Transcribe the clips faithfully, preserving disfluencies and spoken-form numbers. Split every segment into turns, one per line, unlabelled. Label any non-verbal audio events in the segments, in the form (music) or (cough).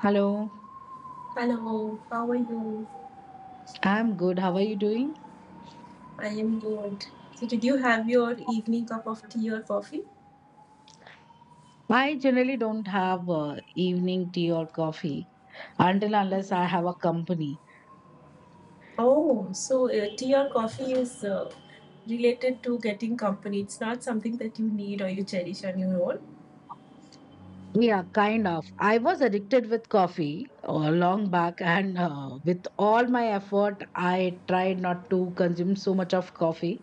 Hello,
Hello, how are you?
I'm good. How are you doing?
I am good. So, did you have your evening cup of tea or coffee?
I generally don't have uh, evening tea or coffee until unless
Okay.
I have a company.
Oh, so uh, tea or coffee is uh, related to getting company. It's not something that you need or you cherish on your own.
Yeah, kind of. I was addicted with coffee uh, long back, and uh, with all my effort, I tried not to consume so much of coffee.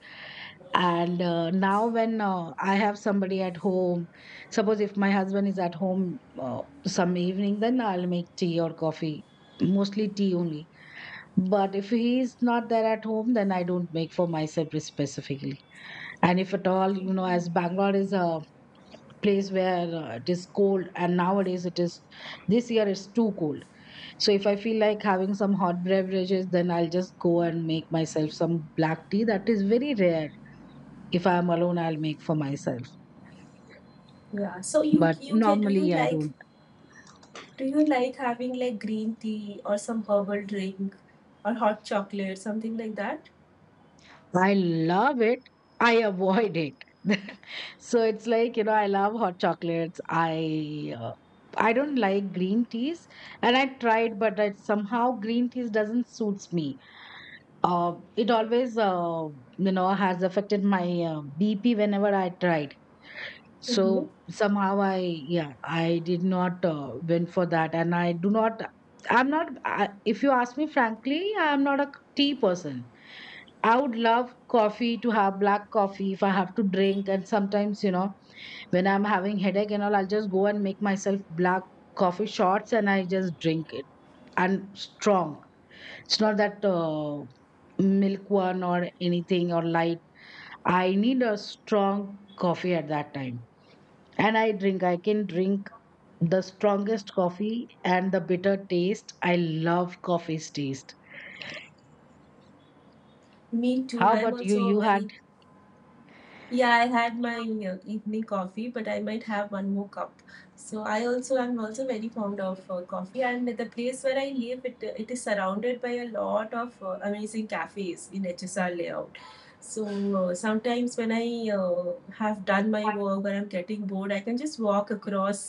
And uh, now, when uh, I have somebody at home, suppose if my husband is at home uh, some evening, then I'll make tea or coffee, mostly tea only. But if he's not there at home, then I don't make for myself specifically. And if at all, you know, as
Mhm.
Bangalore is a place where uh, it is cold, and nowadays it is, this year it's too cold. So if I feel like having some hot beverages, then I'll just go and make myself some black tea. That is very rare. If I am alone, I'll make for myself.
Yeah. So you
But
you can do you
normally, I
like
don't.
do you like having like green tea or some herbal drink or hot chocolate something like that?
I love it. I avoid it. (laughs) So it's like, you know, I love hot chocolates. I uh, I don't like green teas, and I tried, but I, somehow green teas doesn't suits me. Uh, it always uh, you know, has affected my uh, B P whenever I tried.
Mm-hmm.
So somehow I, yeah, I did not uh, went for that, and I do not. I'm not I, if you ask me frankly, I'm not a tea person. I would love coffee to have black coffee if I have to drink. And sometimes, you know, when I'm having headache and all, I'll just go and make myself black coffee shots and I just drink it. And strong. It's not that uh, milk one or anything or light. I need a strong coffee at that time. And I drink. I can drink the strongest coffee and the bitter taste. I love coffee's taste.
Me too.
How
I am
about you?
also a
You had.
very Yeah, I had my uh, evening coffee, but I might have one more cup. So I also am also very fond of uh, coffee, and the place where I live, it uh, it is surrounded by a lot of uh, amazing cafes in H S R layout. So uh, sometimes when I uh, have done my work or I'm getting bored, I can just walk across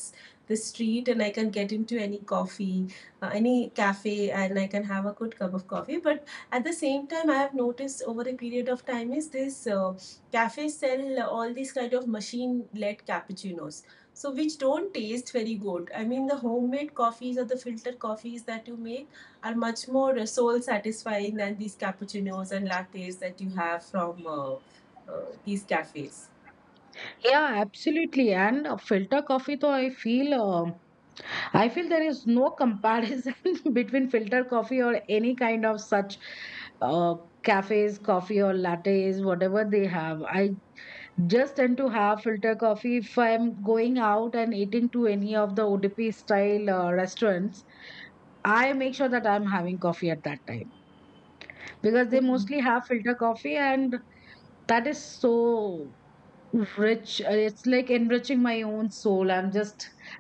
the street and I can get into any coffee, uh, any cafe, and I can have a good cup of coffee. But at the same time, I have noticed over a period of time is this. Uh, cafes sell all these kind of machine-led cappuccinos, so which don't taste very good. I mean, the homemade coffees or the filtered coffees that you make are much more soul satisfying than these cappuccinos and lattes that you have from uh, uh, these cafes.
Yeah, absolutely. And uh, filter coffee, though I feel, um I feel there is no comparison (laughs) between filter coffee or any kind of such uh, cafes, coffee or lattes, whatever they have. I just tend to have filter coffee if I'm going out and eating to any of the O D P style uh, restaurants. I make sure that I'm having coffee at that time because they
Mhm.
mostly have filter coffee, and that is so rich. Uh, it's like enriching my own soul. I'm just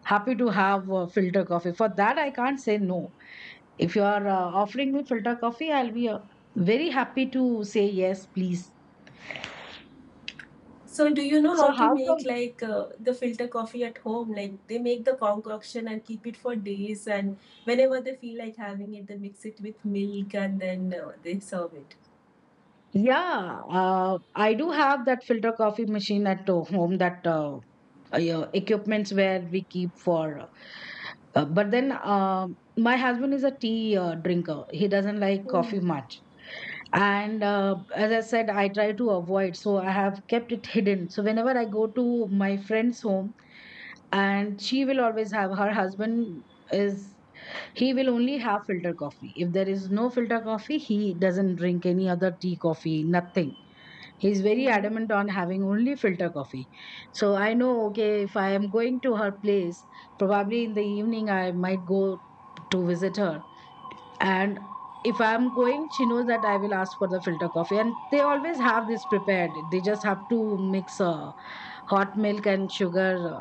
happy to have uh, filter coffee. For that, I can't say no. If you are uh, offering me filter coffee, I'll be uh, very happy to say yes, please.
So, do you know
So,
how to
how
make
come?
like uh, the filter coffee at home? Like they make the concoction and keep it for days, and whenever they feel like having it, they mix it with milk and then uh, they serve it.
Yeah, uh, I do have that filter coffee machine at uh, home, that uh, uh, equipments where we keep for. Uh, uh, but then um my husband is a tea uh, drinker. He doesn't like coffee much. And uh, as I said, I try to avoid, so I have kept it (laughs) hidden. So whenever I go to my friend's home, and she will always have, her husband is, he will only have filter coffee. If there is no filter coffee, he doesn't drink any other tea, coffee, nothing. He's very
Mm-hmm.
adamant on having only filter coffee. So I know, okay, if I am going to her place, probably in the evening, I might go to visit her. And if I'm going, she knows that I will ask for the filter coffee, and they always have this prepared. They just have to mix uh, hot milk and sugar uh,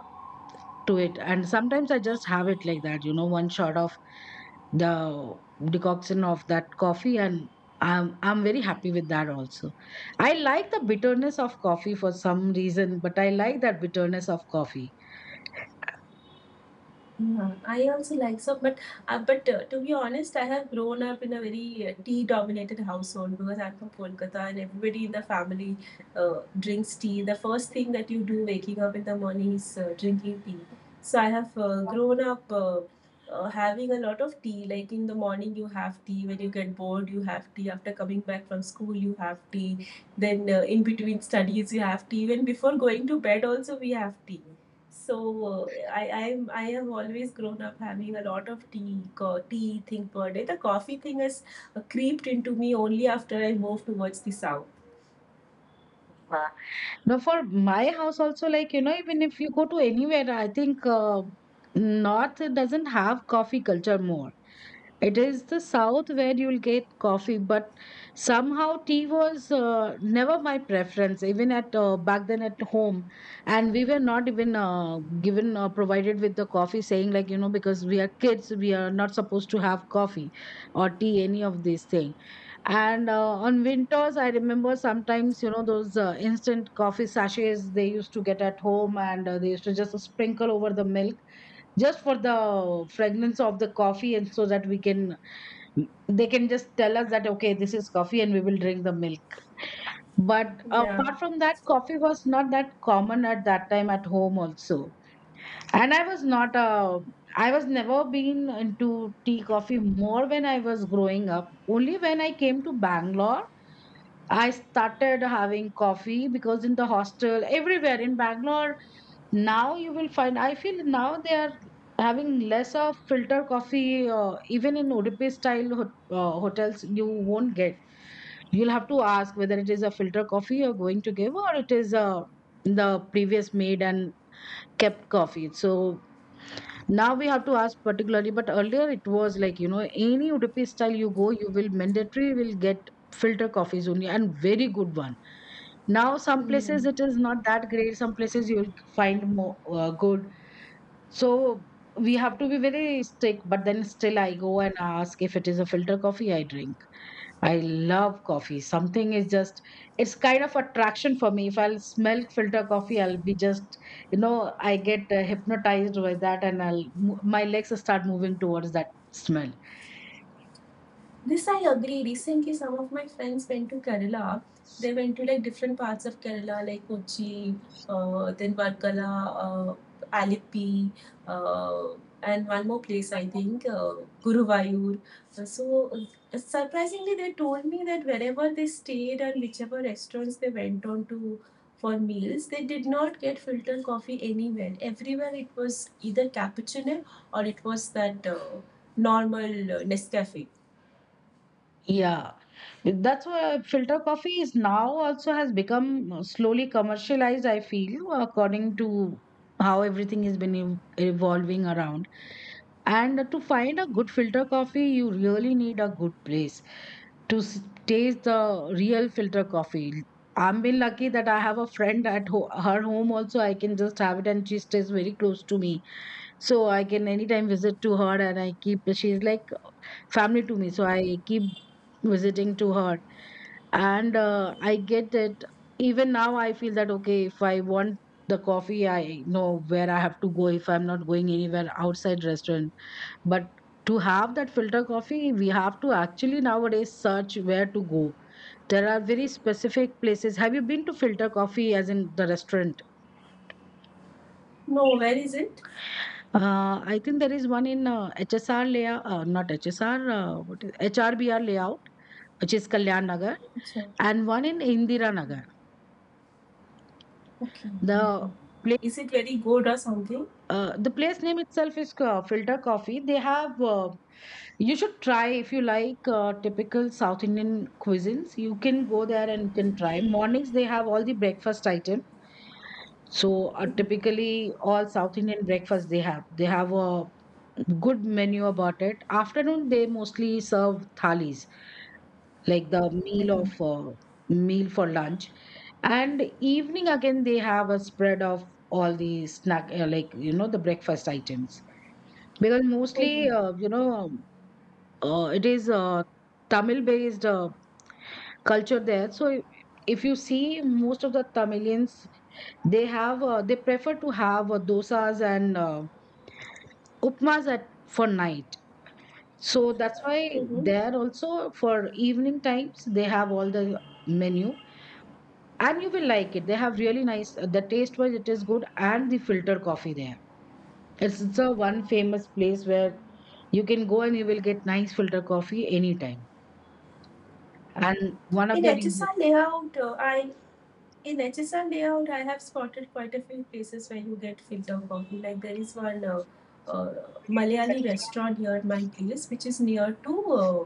to it. And sometimes I just have it like that, you know, one shot of the decoction of that coffee, and i'm i'm very happy with that also. I like the bitterness of coffee. For some reason, but I like that bitterness of coffee.
Yeah, I also like so, but uh, but uh, to be honest, I have grown up in a very uh, tea-dominated household because I'm from Kolkata, and everybody in the family uh, drinks tea. The first thing that you do waking up in the morning is uh, drinking tea. So I have uh, grown up uh, uh, having a lot of tea. Like in the morning, you have tea. When you get bored, you have tea. After coming back from school, you have tea. Then uh, in between studies, you have tea. Even before going to bed, also we have tea. So uh, I I'm I have always grown up having a lot of tea co- tea thing per day. The coffee thing has uh, creeped into me only after I moved towards the south.
No, for my house also, like, you know, even if you go to anywhere, I think uh, North doesn't have coffee culture more. It is the South where you'll get coffee, but somehow tea was uh, never my preference, even at uh, back then at home. And we were not even uh, given uh, provided with the coffee, saying, like, you know, because we are kids, we are not supposed to have coffee or tea, any of these things. And uh, on winters, I remember sometimes, you know, those uh, instant coffee sachets they used to get at home, and uh, they used to just sprinkle over the milk just for the fragrance of the coffee, and so that we can, they can just tell us that, okay, this is coffee, and we will drink the milk. But
Yeah.
apart from that, coffee was not that common at that time at home also. And I was not a, I was never been into tea coffee more when I was growing up. Only when I came to Bangalore I started having coffee because in the hostel, everywhere in Bangalore, now you will find, I feel now they are having less of filter coffee, uh, even in Udupi style hot uh, hotels, you won't get. You'll have to ask whether it is a filter coffee you're going to give or it is uh, the previous made and kept coffee. So now we have to ask particularly, but earlier it was like, you know, any Udupi style you go, you will mandatory will get filter coffees only, and very good ones. Now some places
Hmm.
it is not that great, some places you'll find more uh, good. So we have to be very strict, but then still I go and ask if it is a filter coffee I drink. I love coffee. Something is just, it's kind of attraction for me. If I'll smell filter coffee, I'll be just, you know, I get uh, hypnotized by that, and i'll mo- my legs start moving towards that smell.
This I agree. Recently, some of my friends went to Kerala. They went to like different parts of Kerala, like Kochi, uh, then Varkala, uh, Alippi, uh, and one more place, I think, uh, Guruvayur. So, uh, surprisingly, they told me that wherever they stayed and whichever restaurants they went on to for meals, they did not get filter coffee anywhere. Everywhere it was either cappuccino or it was that uh, normal uh, Nescafe.
Yeah, that's why filter coffee is now also has become slowly commercialized, I feel, according to how everything has been ev- evolving around. And to find a good filter coffee, you really need a good place to s- taste the real filter coffee. I'm been lucky that I have a friend at ho her home also. I can just have it, and she stays very close to me. So I can anytime visit to her, and I keep, she's like family to me. So I keep visiting to her, and uh, I get it. Even now I feel that okay, if I want the coffee, I know where I have to go if I'm not going anywhere outside restaurant. But to have that filter coffee, we have to actually nowadays search where to go. There are very specific places. Have you been to Filter Coffee as in the restaurant?
No, where is it?
Uh, I think there is one in uh, H S R layout, uh, not H S R, uh, what is H R B R layout, which is Kalyan Nagar,
Achha.
and one in Indira Nagar.
Okay, okay.
The place,
okay Is it very good or something?
uh, the place name itself is uh, Filter Coffee. They have, uh, you should try if you like uh, typical South Indian cuisines. You can go there and you can try.
Okay
Mornings they have all the breakfast items. So uh, typically all South Indian breakfast they have. They have a good menu about it. Afternoon, they mostly serve thalis, like the meal
Mm-hmm.
of uh, meal for lunch. And evening again, they have a spread of all the snack, uh, like you know, the breakfast items. Because mostly, uh, you know, uh, it is uh, Tamil-based uh, culture there. So i- if you see most of the Tamilians, they have uh, they prefer to have uh, dosas and uh, upmas at for night. So that's why
Mm-hmm.
there also for evening times they have all the menu, and you will like it. They have really nice, the taste wise it is good, and the filter coffee there. It's it's a one famous place where you can go and you will get nice filter coffee anytime. And one of the
In HSR
reasons.
layout, uh, I in H S R layout, I have spotted quite a few places where you get filter coffee. Like there is one uh, uh, Malayali restaurant near my place, which is near to uh,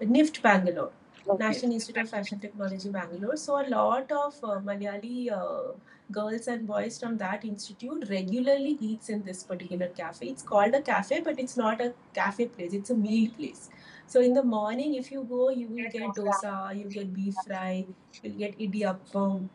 NIFT Bangalore,
Okay.
National Institute of Fashion Technology Bangalore. So a lot of uh, Malayali uh, girls and boys from that institute regularly eats in this particular cafe. It's called a cafe, but it's not a cafe place. It's a meal place. So in the morning, if you go, you will get dosa, you'll get beef fry, you'll get idiyappam,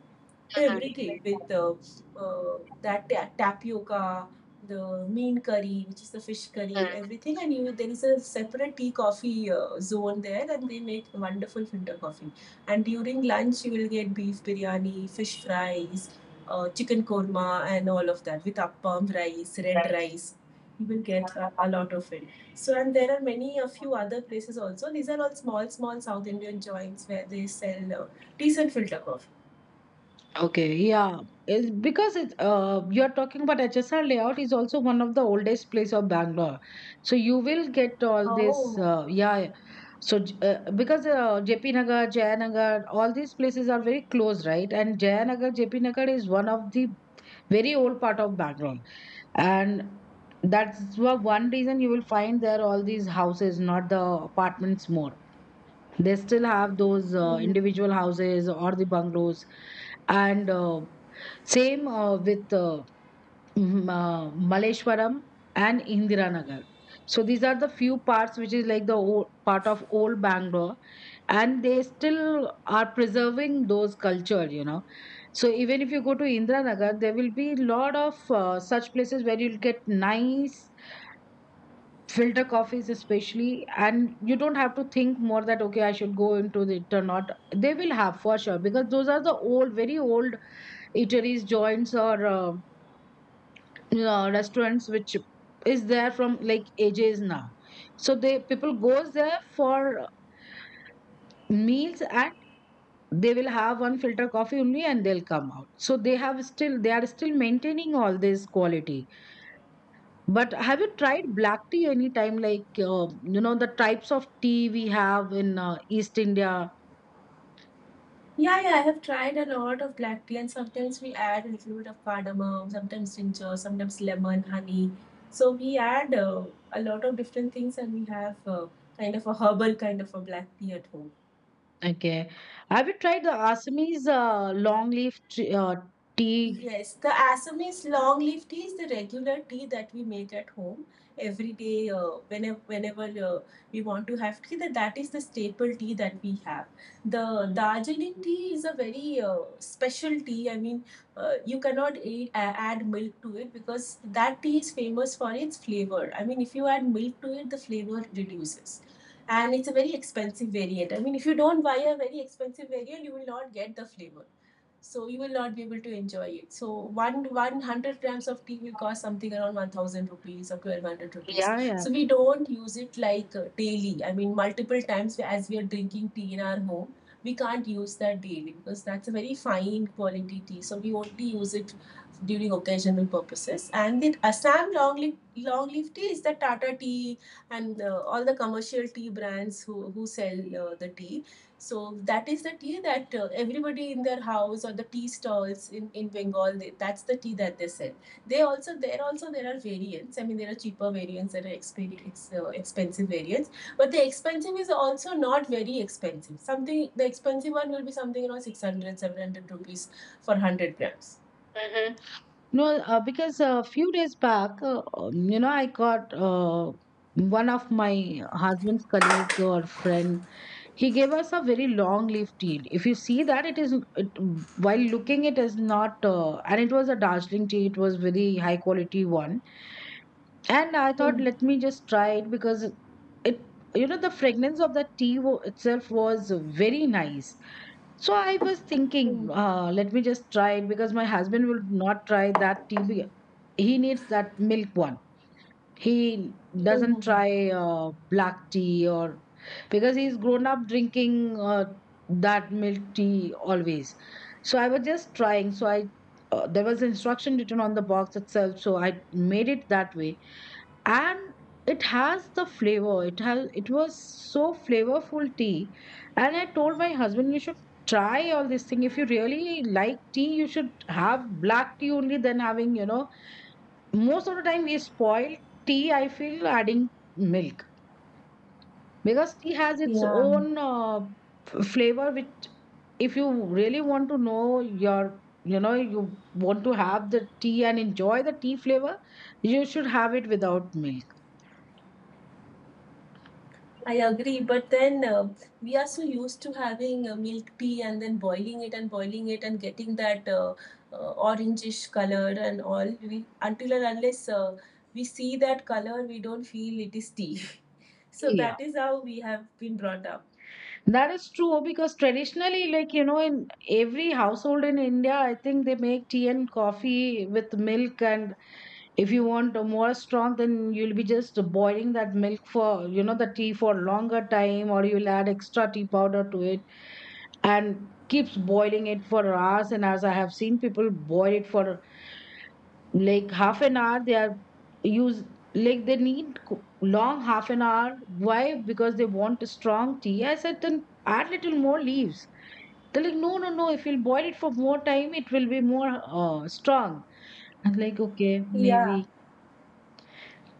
everything with uh, uh, that ta- tapioca, the mean curry, which is the fish curry, everything. And you, there is a separate tea coffee uh, zone there, and they make wonderful filter coffee. And during lunch, you will get beef biryani, fish fries, uh, chicken korma, and all of that with appam rice, red rice. You will get a, a lot of it. So, and there are many, a few other places also. These are all small, small South Indian joints where they sell uh, decent filter coffee.
Okay, yeah. It's because it's uh you're talking about H S R layout is also one of the oldest place of Bangalore. So you will get all this
Oh.
uh, yeah, yeah. So J- uh, because uh, J P Nagar, Jayanagar, all these places are very close, right? And Jayanagar, J P Nagar is one of the very old part of Bangalore. And that's wha- one reason you will find there all these houses, not the apartments more. They still have those uh,
Mm.
individual houses or the bungalows, and uh, same uh, with uh, m- uh, Maleshwaram and Indiranagar. So these are the few parts which is like the old, part of old Bangalore, and they still are preserving those culture. You know, so even if you go to Indiranagar, there will be lot of uh, such places where you'll get nice filter coffees, especially, and you don't have to think more that okay, I should go into it or not. They will have for sure because those are the old, very old eateries, joints, or uh, uh, restaurants which is there from like ages now, so they people goes there for meals, and they will have one filter coffee only and they'll come out. So they have still they are still maintaining all this quality. But have you tried black tea anytime? Like, uh, you know, the types of tea we have in uh, East India?
Yeah, yeah, I have tried a lot of black tea, and sometimes we add a little bit of cardamom, sometimes ginger, sometimes lemon, honey. So we add uh, a lot of different things, and we have uh, kind of a herbal kind of a black tea at home.
Okay, have you tried the Assamese uh, long leaf tree, uh, tea?
Yes, the Assamese long leaf tea is the regular tea that we make at home every day. Uh, whenever whenever uh, we want to have tea, that, that is the staple tea that we have. The Darjeeling tea is a very uh, special tea. I mean, uh, you cannot add, add milk to it because that tea is famous for its flavor. I mean, if you add milk to it, the flavor reduces. And it's a very expensive variant. I mean, if you don't buy a very expensive variant, you will not get the flavor so you will not be able to enjoy it. So one hundred grams of tea will cost something around one thousand rupees or twelve hundred rupees.
Yeah, yeah.
So we don't use it like uh, daily. I mean, multiple times as we are drinking tea in our home, we can't use that daily because that's a very fine quality tea. So we only use it during occasional purposes. And then Assam long leaf, long leaf tea is the Tata tea and uh, all the commercial tea brands who, who sell uh, the tea so that is the tea that uh, everybody in their house or the tea stalls in, in Bengal, they, that's the tea that they sell. They also There also there are variants. I mean, there are cheaper variants, there are exp- uh, expensive variants, but the expensive is also not very expensive. Something the expensive one will be something around six hundred, seven hundred rupees for one hundred grams.
Mhm. No, uh, because a few days back, uh, um, you know, I got uh, one of my husband's colleague or friend. He gave us a very long leaf tea. If you see that, it is it, while looking, it is not, uh, and it was a Darjeeling tea. It was very high quality one, and I thought,
Hmm.
let me just try it because it, you know, the fragrance of the tea wo- itself was very nice. So I was thinking,
Hmm.
uh, let me just try it because my husband will not try that tea. be- He needs that milk one. He
Hmm. Hmm.
doesn't
Hmm.
try uh, black tea or because he's grown up drinking uh, that milk tea always. So I was just trying. So I uh, there was instruction written on the box itself. So I made it that way, and it has the flavor it has it was so flavorful tea. And I told my husband, you should try all this thing. If you really like tea, you should have black tea only than having you know Most of the time we spoil tea, I feel, adding milk, because tea has its
Yeah.
own uh, f- flavor, which, if you really want to know your you know you want to have the tea and enjoy the tea flavor, you should have it without milk.
I agree, but then um we are so used to having uh, milk tea and then boiling it and boiling it and getting that uh, uh, orangish color and all. We until and unless uh, we see that color, we don't feel it is tea. (laughs) So that is how we have been brought up.
That is true because traditionally, like, you know, in every household in India, I think they make tea and coffee with milk. And if you want a more strong, then you'll be just boiling that milk for, you know, the tea for longer time, or you'll add extra tea powder to it and keeps boiling it for hours and hours. I have seen people boil it for like half an hour. They are use like they need co- long half an hour. Why? Because they want a strong tea. I said, then add little more leaves. They're like, no, no, no, if you'll boil it for more time, it will be more uh, strong. I'm like, okay,
Yeah.
maybe.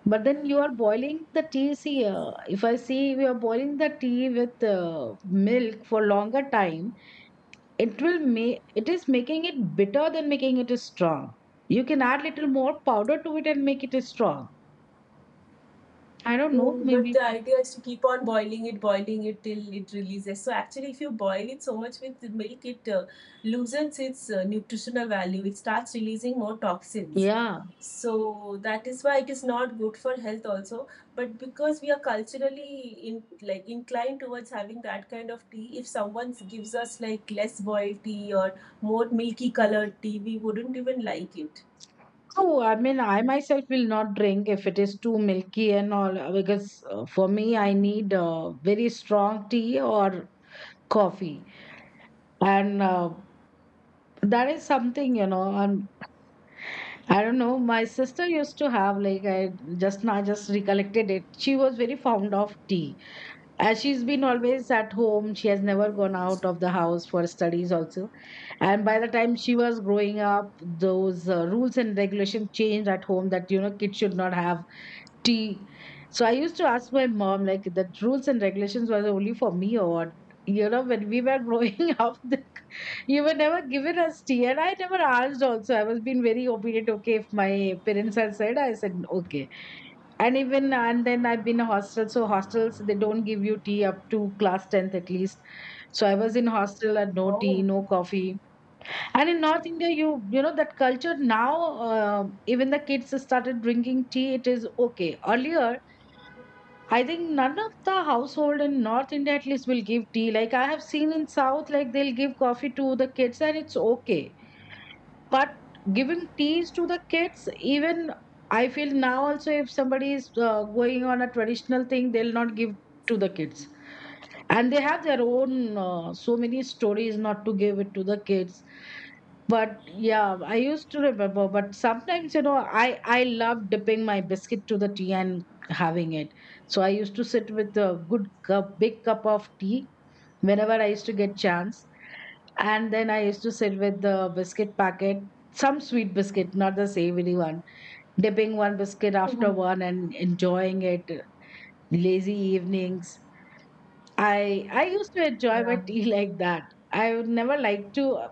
But then you are boiling the tea, see, uh, if I see we are boiling the tea with uh, milk for longer time, it will make it is making it bitter than making it strong. You can add little more powder to it and make it strong. I don't
No,
know,
but
maybe.
the idea is to keep on boiling it, boiling it till it releases. So actually, if you boil it so much with the milk, it uh, loosens its uh, nutritional value. It starts releasing more toxins.
Yeah,
So that is why it is not good for health also. But because we are culturally in like inclined towards having that kind of tea, if someone gives us like less boiled tea or more milky colored tea, we wouldn't even like it.
so I mean I myself will not drink if it is too milky and all, uh, because uh, for me I need uh, very strong tea or coffee. And uh, that is something you know um, I don't know. My sister used to have, like, I just now just recollected it, she was very fond of tea. As she's been always at home, she has never gone out of the house for studies also. And by the time she was growing up, those uh, rules and regulations changed at home that, you know, kids should not have tea. So I used to ask my mom, like, that rules and regulations was only for me or what? You know, when we were growing (laughs) up, the you were never given us tea, and I never asked also. I was being very obedient. Okay, if my parents had said, I said okay. And even and then I've been a hostel, so hostels they don't give you tea up to class tenth at least. So I was in hostel and no tea,
Oh.
no coffee. And in North India, you you know that culture now. uh, Even the kids started drinking tea, it is okay. Earlier I think none of the household in North India at least will give tea, like I have seen in South, like they'll give coffee to the kids and it's okay. But giving teas to the kids, even I feel now also, if somebody is uh, going on a traditional thing, they'll not give to the kids. And they have their own uh, so many stories not to give it to the kids. But yeah, I used to remember, but sometimes you know i i love dipping my biscuit to the tea and having it. So I used to sit with a good cup big cup of tea whenever I used to get chance. And then I used to sit with the biscuit packet, some sweet biscuit, not the savory one, dipping one biscuit after
(laughs)
one and enjoying it. Lazy evenings. I I used to enjoy my
Yeah.
(laughs) tea like that. I would never like to.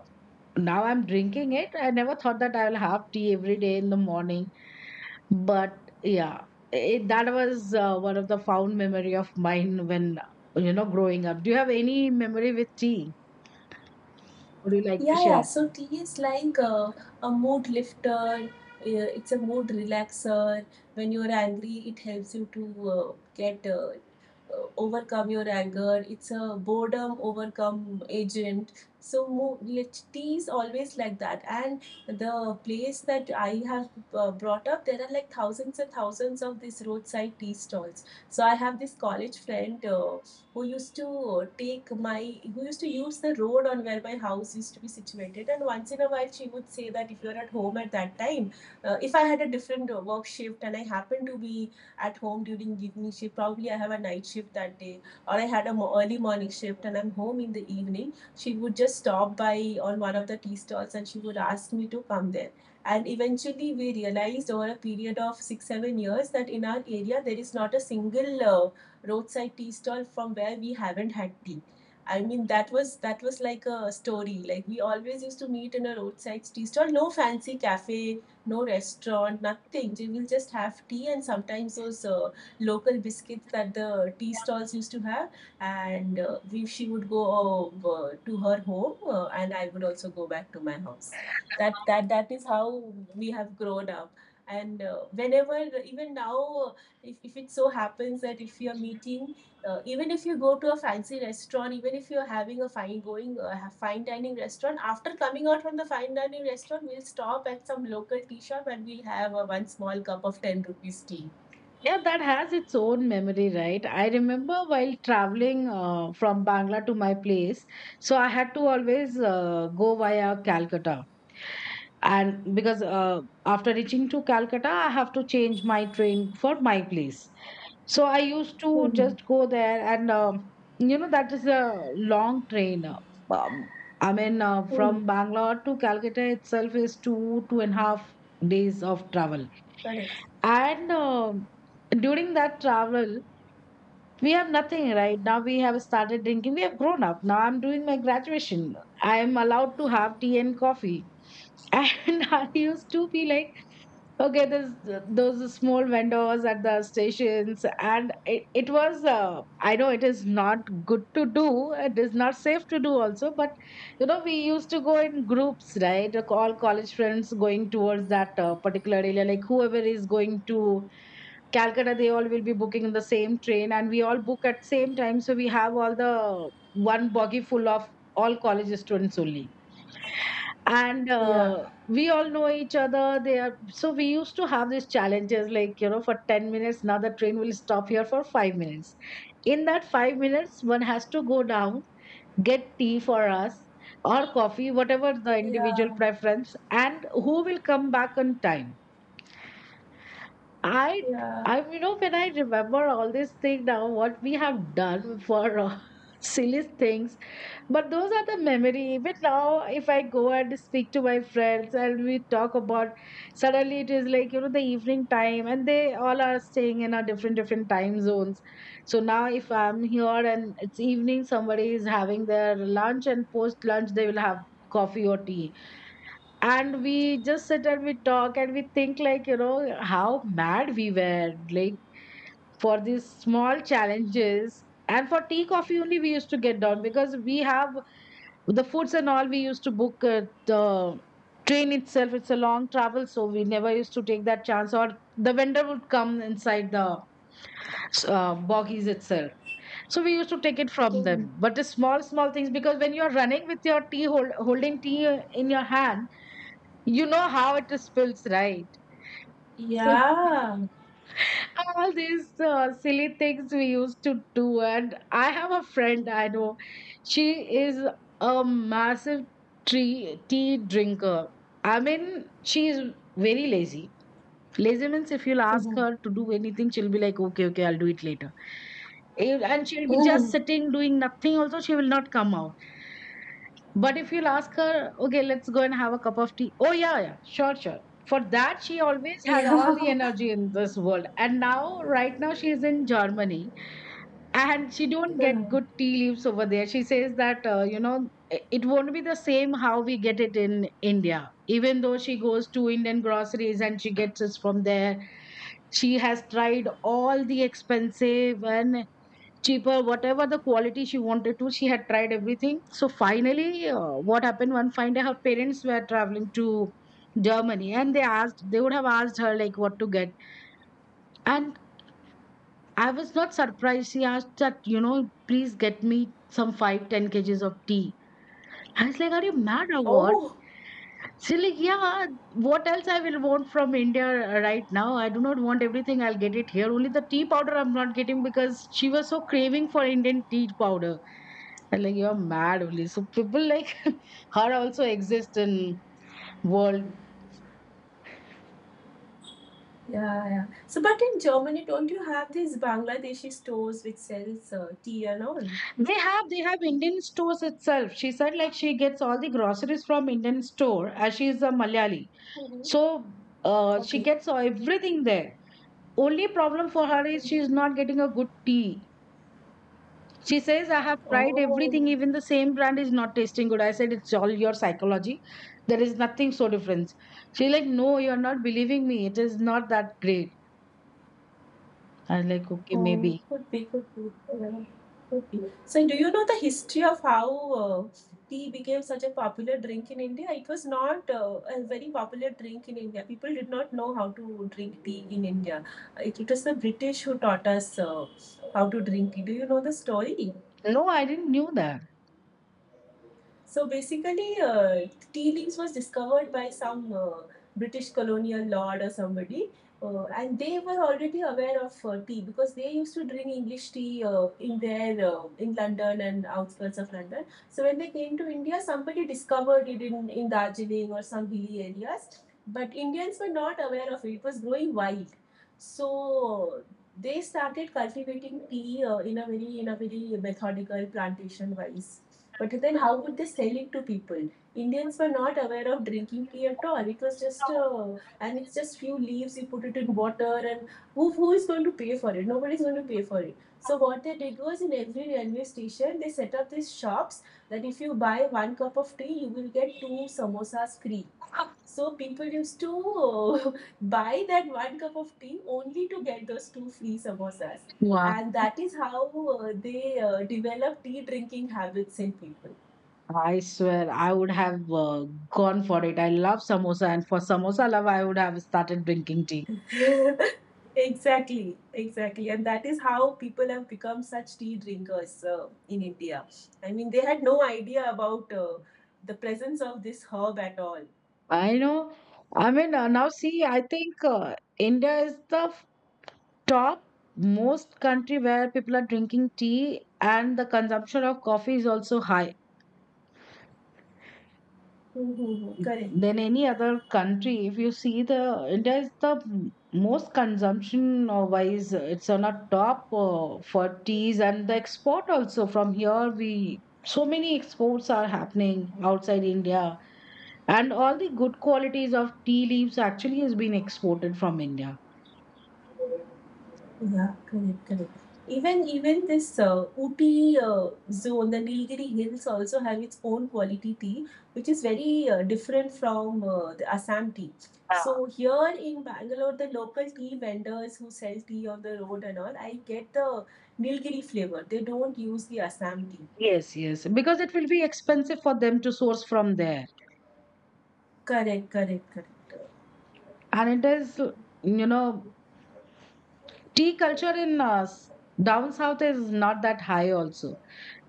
Now I'm drinking it. I never thought that I will have tea every day in the morning. But yeah, it, that was uh, one of the fond memory of mine when you know growing up. Do you have any memory with tea? Would you like to
Yeah, yeah.
share?
So tea is like uh, a mood lifter. Uh, it's a mood relaxer. When you're angry, it helps you to uh, get uh, uh, overcome your anger. It's a boredom overcome agent. So mo- lit- tea is always like that. And the place that I have uh, brought up, there are like thousands and thousands of these roadside tea stalls. So I have this college friend. Uh, who used to take my who used to use the road on where my house used to be situated, and once in a while she would say that if you're at home at that time, uh, if I had a different uh, work shift and I happened to be at home during evening shift, probably I have a night shift that day or I had a mo- early morning shift and I'm home in the evening, she would just stop by on one of the tea stalls and she would ask me to come there. And eventually we realized over a period of six seven years that in our area there is not a single uh, roadside tea stall from where we haven't had tea. I mean, that was that was like a story. Like we always used to meet in a roadside tea stall. No fancy cafe, no restaurant, nothing. We will just have tea and sometimes those uh, local biscuits that the tea stalls used to have. And uh, we, she would go uh, to her home, uh, and I would also go back to my house. That that that is how we have grown up. And uh, whenever, even now, if, if it so happens that if you're meeting, uh, even if you go to a fancy restaurant, even if you're having a fine going uh, fine dining restaurant, after coming out from the fine dining restaurant we'll stop at some local tea shop and we'll have a one small cup of ten rupees tea.
Yeah, that has its own memory, right? I remember while traveling uh, from Bangla to my place, so I had to always uh, go via Calcutta. And because uh, after reaching to Calcutta, I have to change my train for my place. So I used to
Hmm.
just go there, and um, you know, that is a long train. Um, I mean, uh,
Hmm.
from Bangalore to Calcutta itself is two, two and a half days of travel.
Correct.
And um during that travel, we have nothing. Right now we have started drinking, we have grown up now, I'm doing my graduation, I am allowed to have tea and coffee. (laughs) And I used to be like, okay, there's those small vendors at the stations, and it, it was uh, I know it is not good to do, it is not safe to do also. But you know, we used to go in groups, right? Like all college friends going towards that uh, particular area, like whoever is going to Calcutta, they all will be booking in the same train, and we all book at same time. So we have all the one buggy full of all college students only, and
Yeah.
uh, we all know each other. They are so we used to have these challenges, like, you know, for ten minutes. Now the train will stop here for five minutes. In that five minutes, one has to go down, get tea for us or coffee, whatever the individual
Yeah.
preference, and who will come back on time. I,
Yeah.
I, you know, when I remember all this thing now, what we have done for uh, (laughs) silly things, but those are the memory. Even now, if I go and speak to my friends and we talk about, suddenly it is like, you know, the evening time, and they all are staying in our different different time zones. So now, if I'm here and it's evening, somebody is having their lunch, and post lunch they will have coffee or tea, and we just sit and we talk and we think, like, you know, how mad we were, like for these small challenges and for tea coffee only we used to get down. Because we have the foods and all, we used to book uh, the train itself, it's a long travel, so we never used to take that chance. Or the vendor would come inside the uh, boggies itself, so we used to take it from them.
Mhm.
But the small small things, because when you're running with your tea, hold, holding tea in your hand, you know how it spills, right? So
Yeah.
all these uh, silly things we used to do. And I have a friend, I know. She is a massive tree, tea drinker. I mean, she is very lazy. Lazy means if you'll ask her to do anything, she'll be like, okay, okay, I'll do it later. And she'll be just
Mhm.
sitting doing nothing. Also, she will not come out. But if you'll ask her, okay, let's go and have a cup of tea. Oh, yeah, yeah, sure, sure. For that, she always had all the
Yeah.
energy in this world. And now, right now, she is in Germany, and she don't get good tea leaves over there. She says that, uh, you know, i- it won't be the same how we get it in India. Even though she goes to Indian groceries and she gets it from there, she has tried all the expensive and cheaper, whatever the quality she wanted to. She had tried everything. So finally, uh, what happened one fine day, her parents were traveling to Germany and they asked, they would have asked her like what to get. And I was not surprised. She asked that, you know, please get me some five ten kgs of tea. I was like, are you mad
(laughs)
or what?
Oh.
She's like, yeah, what else I will want from India right now? I do not want everything, I'll get it here. Only the tea powder I'm not getting, because she was so craving for Indian tea powder. And like, you're mad only. So people like (laughs) her also exist in world.
Yeah, yeah. So, but in Germany, don't you have these Bangladeshi stores which sells uh, tea and all?
They have they have Indian stores itself. She said like she gets all the groceries from Indian store as she is a Malayali.
Mm-hmm.
So uh, she
Okay.
gets everything there. Only problem for her is she is
Mm-hmm.
not getting a good tea. She says I have tried everything,
Oh.
even the same brand is not tasting good. I said it's all your psychology. There is nothing so different. She's like, no, you're not believing me, it is not that great. I was like, okay,
oh,
maybe.
could be, could be. Yeah, could be. So, do you know the history of how uh, tea became such a popular drink in India? It was not uh, a very popular drink in India. People did not know how to drink tea in India. It, it was the British who taught us uh, how to drink tea. Do you know the story?
No, I didn't knew that.
So basically, uh, tea leaves was discovered by some uh, British colonial lord or somebody, uh, and they were already aware of uh, tea because they used to drink English tea uh, in their uh, in London and outskirts of London. So when they came to India, somebody discovered it in in Darjeeling or some hilly areas, but Indians were not aware of it. It was growing wild. So. They started cultivating tea uh, in a very in a very methodical plantation wise, but then, how would they sell it to people? Indians were not aware of drinking tea at all. It was just, uh, and it's just few leaves. You put it in water, and who who is going to pay for it? Nobody's going to pay for it. So what they did was, in every railway station, they set up these shops that if you buy one cup of tea, you will get two samosas free. So people used to (laughs) buy that one cup of tea only to get those two free samosas,
Wow.
and that is how uh, they uh, developed tea drinking habits in people.
I swear I would have uh, gone for it. I love samosa, and for samosa love, I would have started drinking tea.
(laughs) Exactly, exactly, and that is how people have become such tea drinkers uh, in India. I mean, they had no idea about uh, the presence of this herb at all.
I know. I mean, uh, now see, I think uh, India is the f- top most country where people are drinking tea, and the consumption of coffee is also high.
Mhm, mhm, correct.
Than any other country, if you see the, India is the m- most consumption uh, wise, uh, it's on a top uh, for teas. And the export also, from here, we so many exports are happening outside India, and all the good qualities of tea leaves actually has been exported from India.
Yeah, correct, correct. Even even this uh, Ooty uh, zone, the Nilgiri Hills also have its own quality tea, which is very uh, different from uh, the Assam tea.
Ah.
So here in Bangalore, the local tea vendors who sell tea on the road and all, I get the Nilgiri flavor. They don't use the Assam tea.
Yes, yes, because it will be expensive for them to source from there.
Correct, correct, correct.
And it is, you know, tea culture in uh, s- down south is not that high also,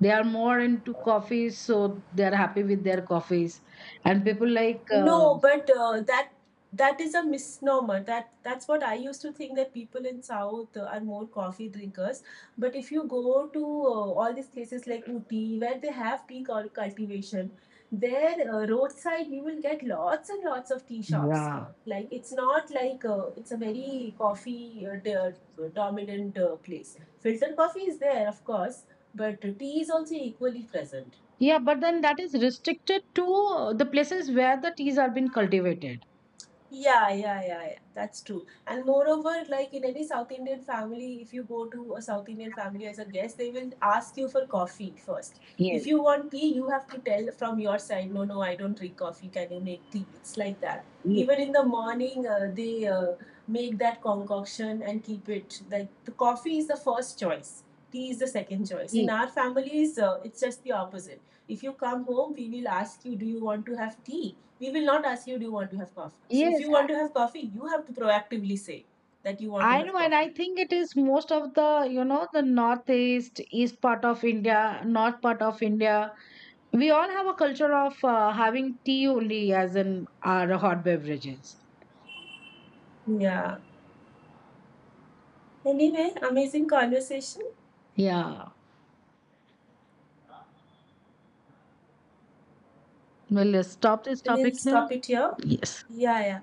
they are more into coffees, so they are happy with their coffees. And people like uh,
No, but uh, that that is a misnomer. That that's what I used to think, that people in South uh, are more coffee drinkers. But if you go to uh, all these places like Uti, where they have tea cul- cultivation, there uh, roadside you will get lots and lots of tea shops.
yeah,
Like it's not like uh, it's a very coffee uh, do- dominant uh, place. Filter coffee is there, of course, but tea is also equally present.
yeah, but then that is restricted to uh, the places where the teas are being cultivated.
Yeah, yeah, yeah, yeah. That's true. And moreover, like in any South Indian family, if you go to a South Indian family as a guest, they will ask you for coffee first.
Yes.
If you want tea, you have to tell from your side, no, no, I don't drink coffee. Can you make tea? It's like that.
ye-
Even in the morning, uh, they uh, make that concoction and keep it. Like the coffee is the first choice, tea is the second choice. In
ye-
our families, uh, it's just the opposite. If you come home, we will ask you, do you want to have tea? We will not ask you, do you want to have coffee? So if
yes.
you
i
want to have coffee, you have to proactively say that you want to
I
have
know. And I
coffee.
think it is most of the, you know, the northeast, east part of India, north part of India, we all have a culture of uh, having tea only as in our hot beverages.
Yeah. Anyway, amazing conversation.
Yeah. Well, let's stop this topic
We'll
here.
stop it here.
Yes.
Yeah, yeah.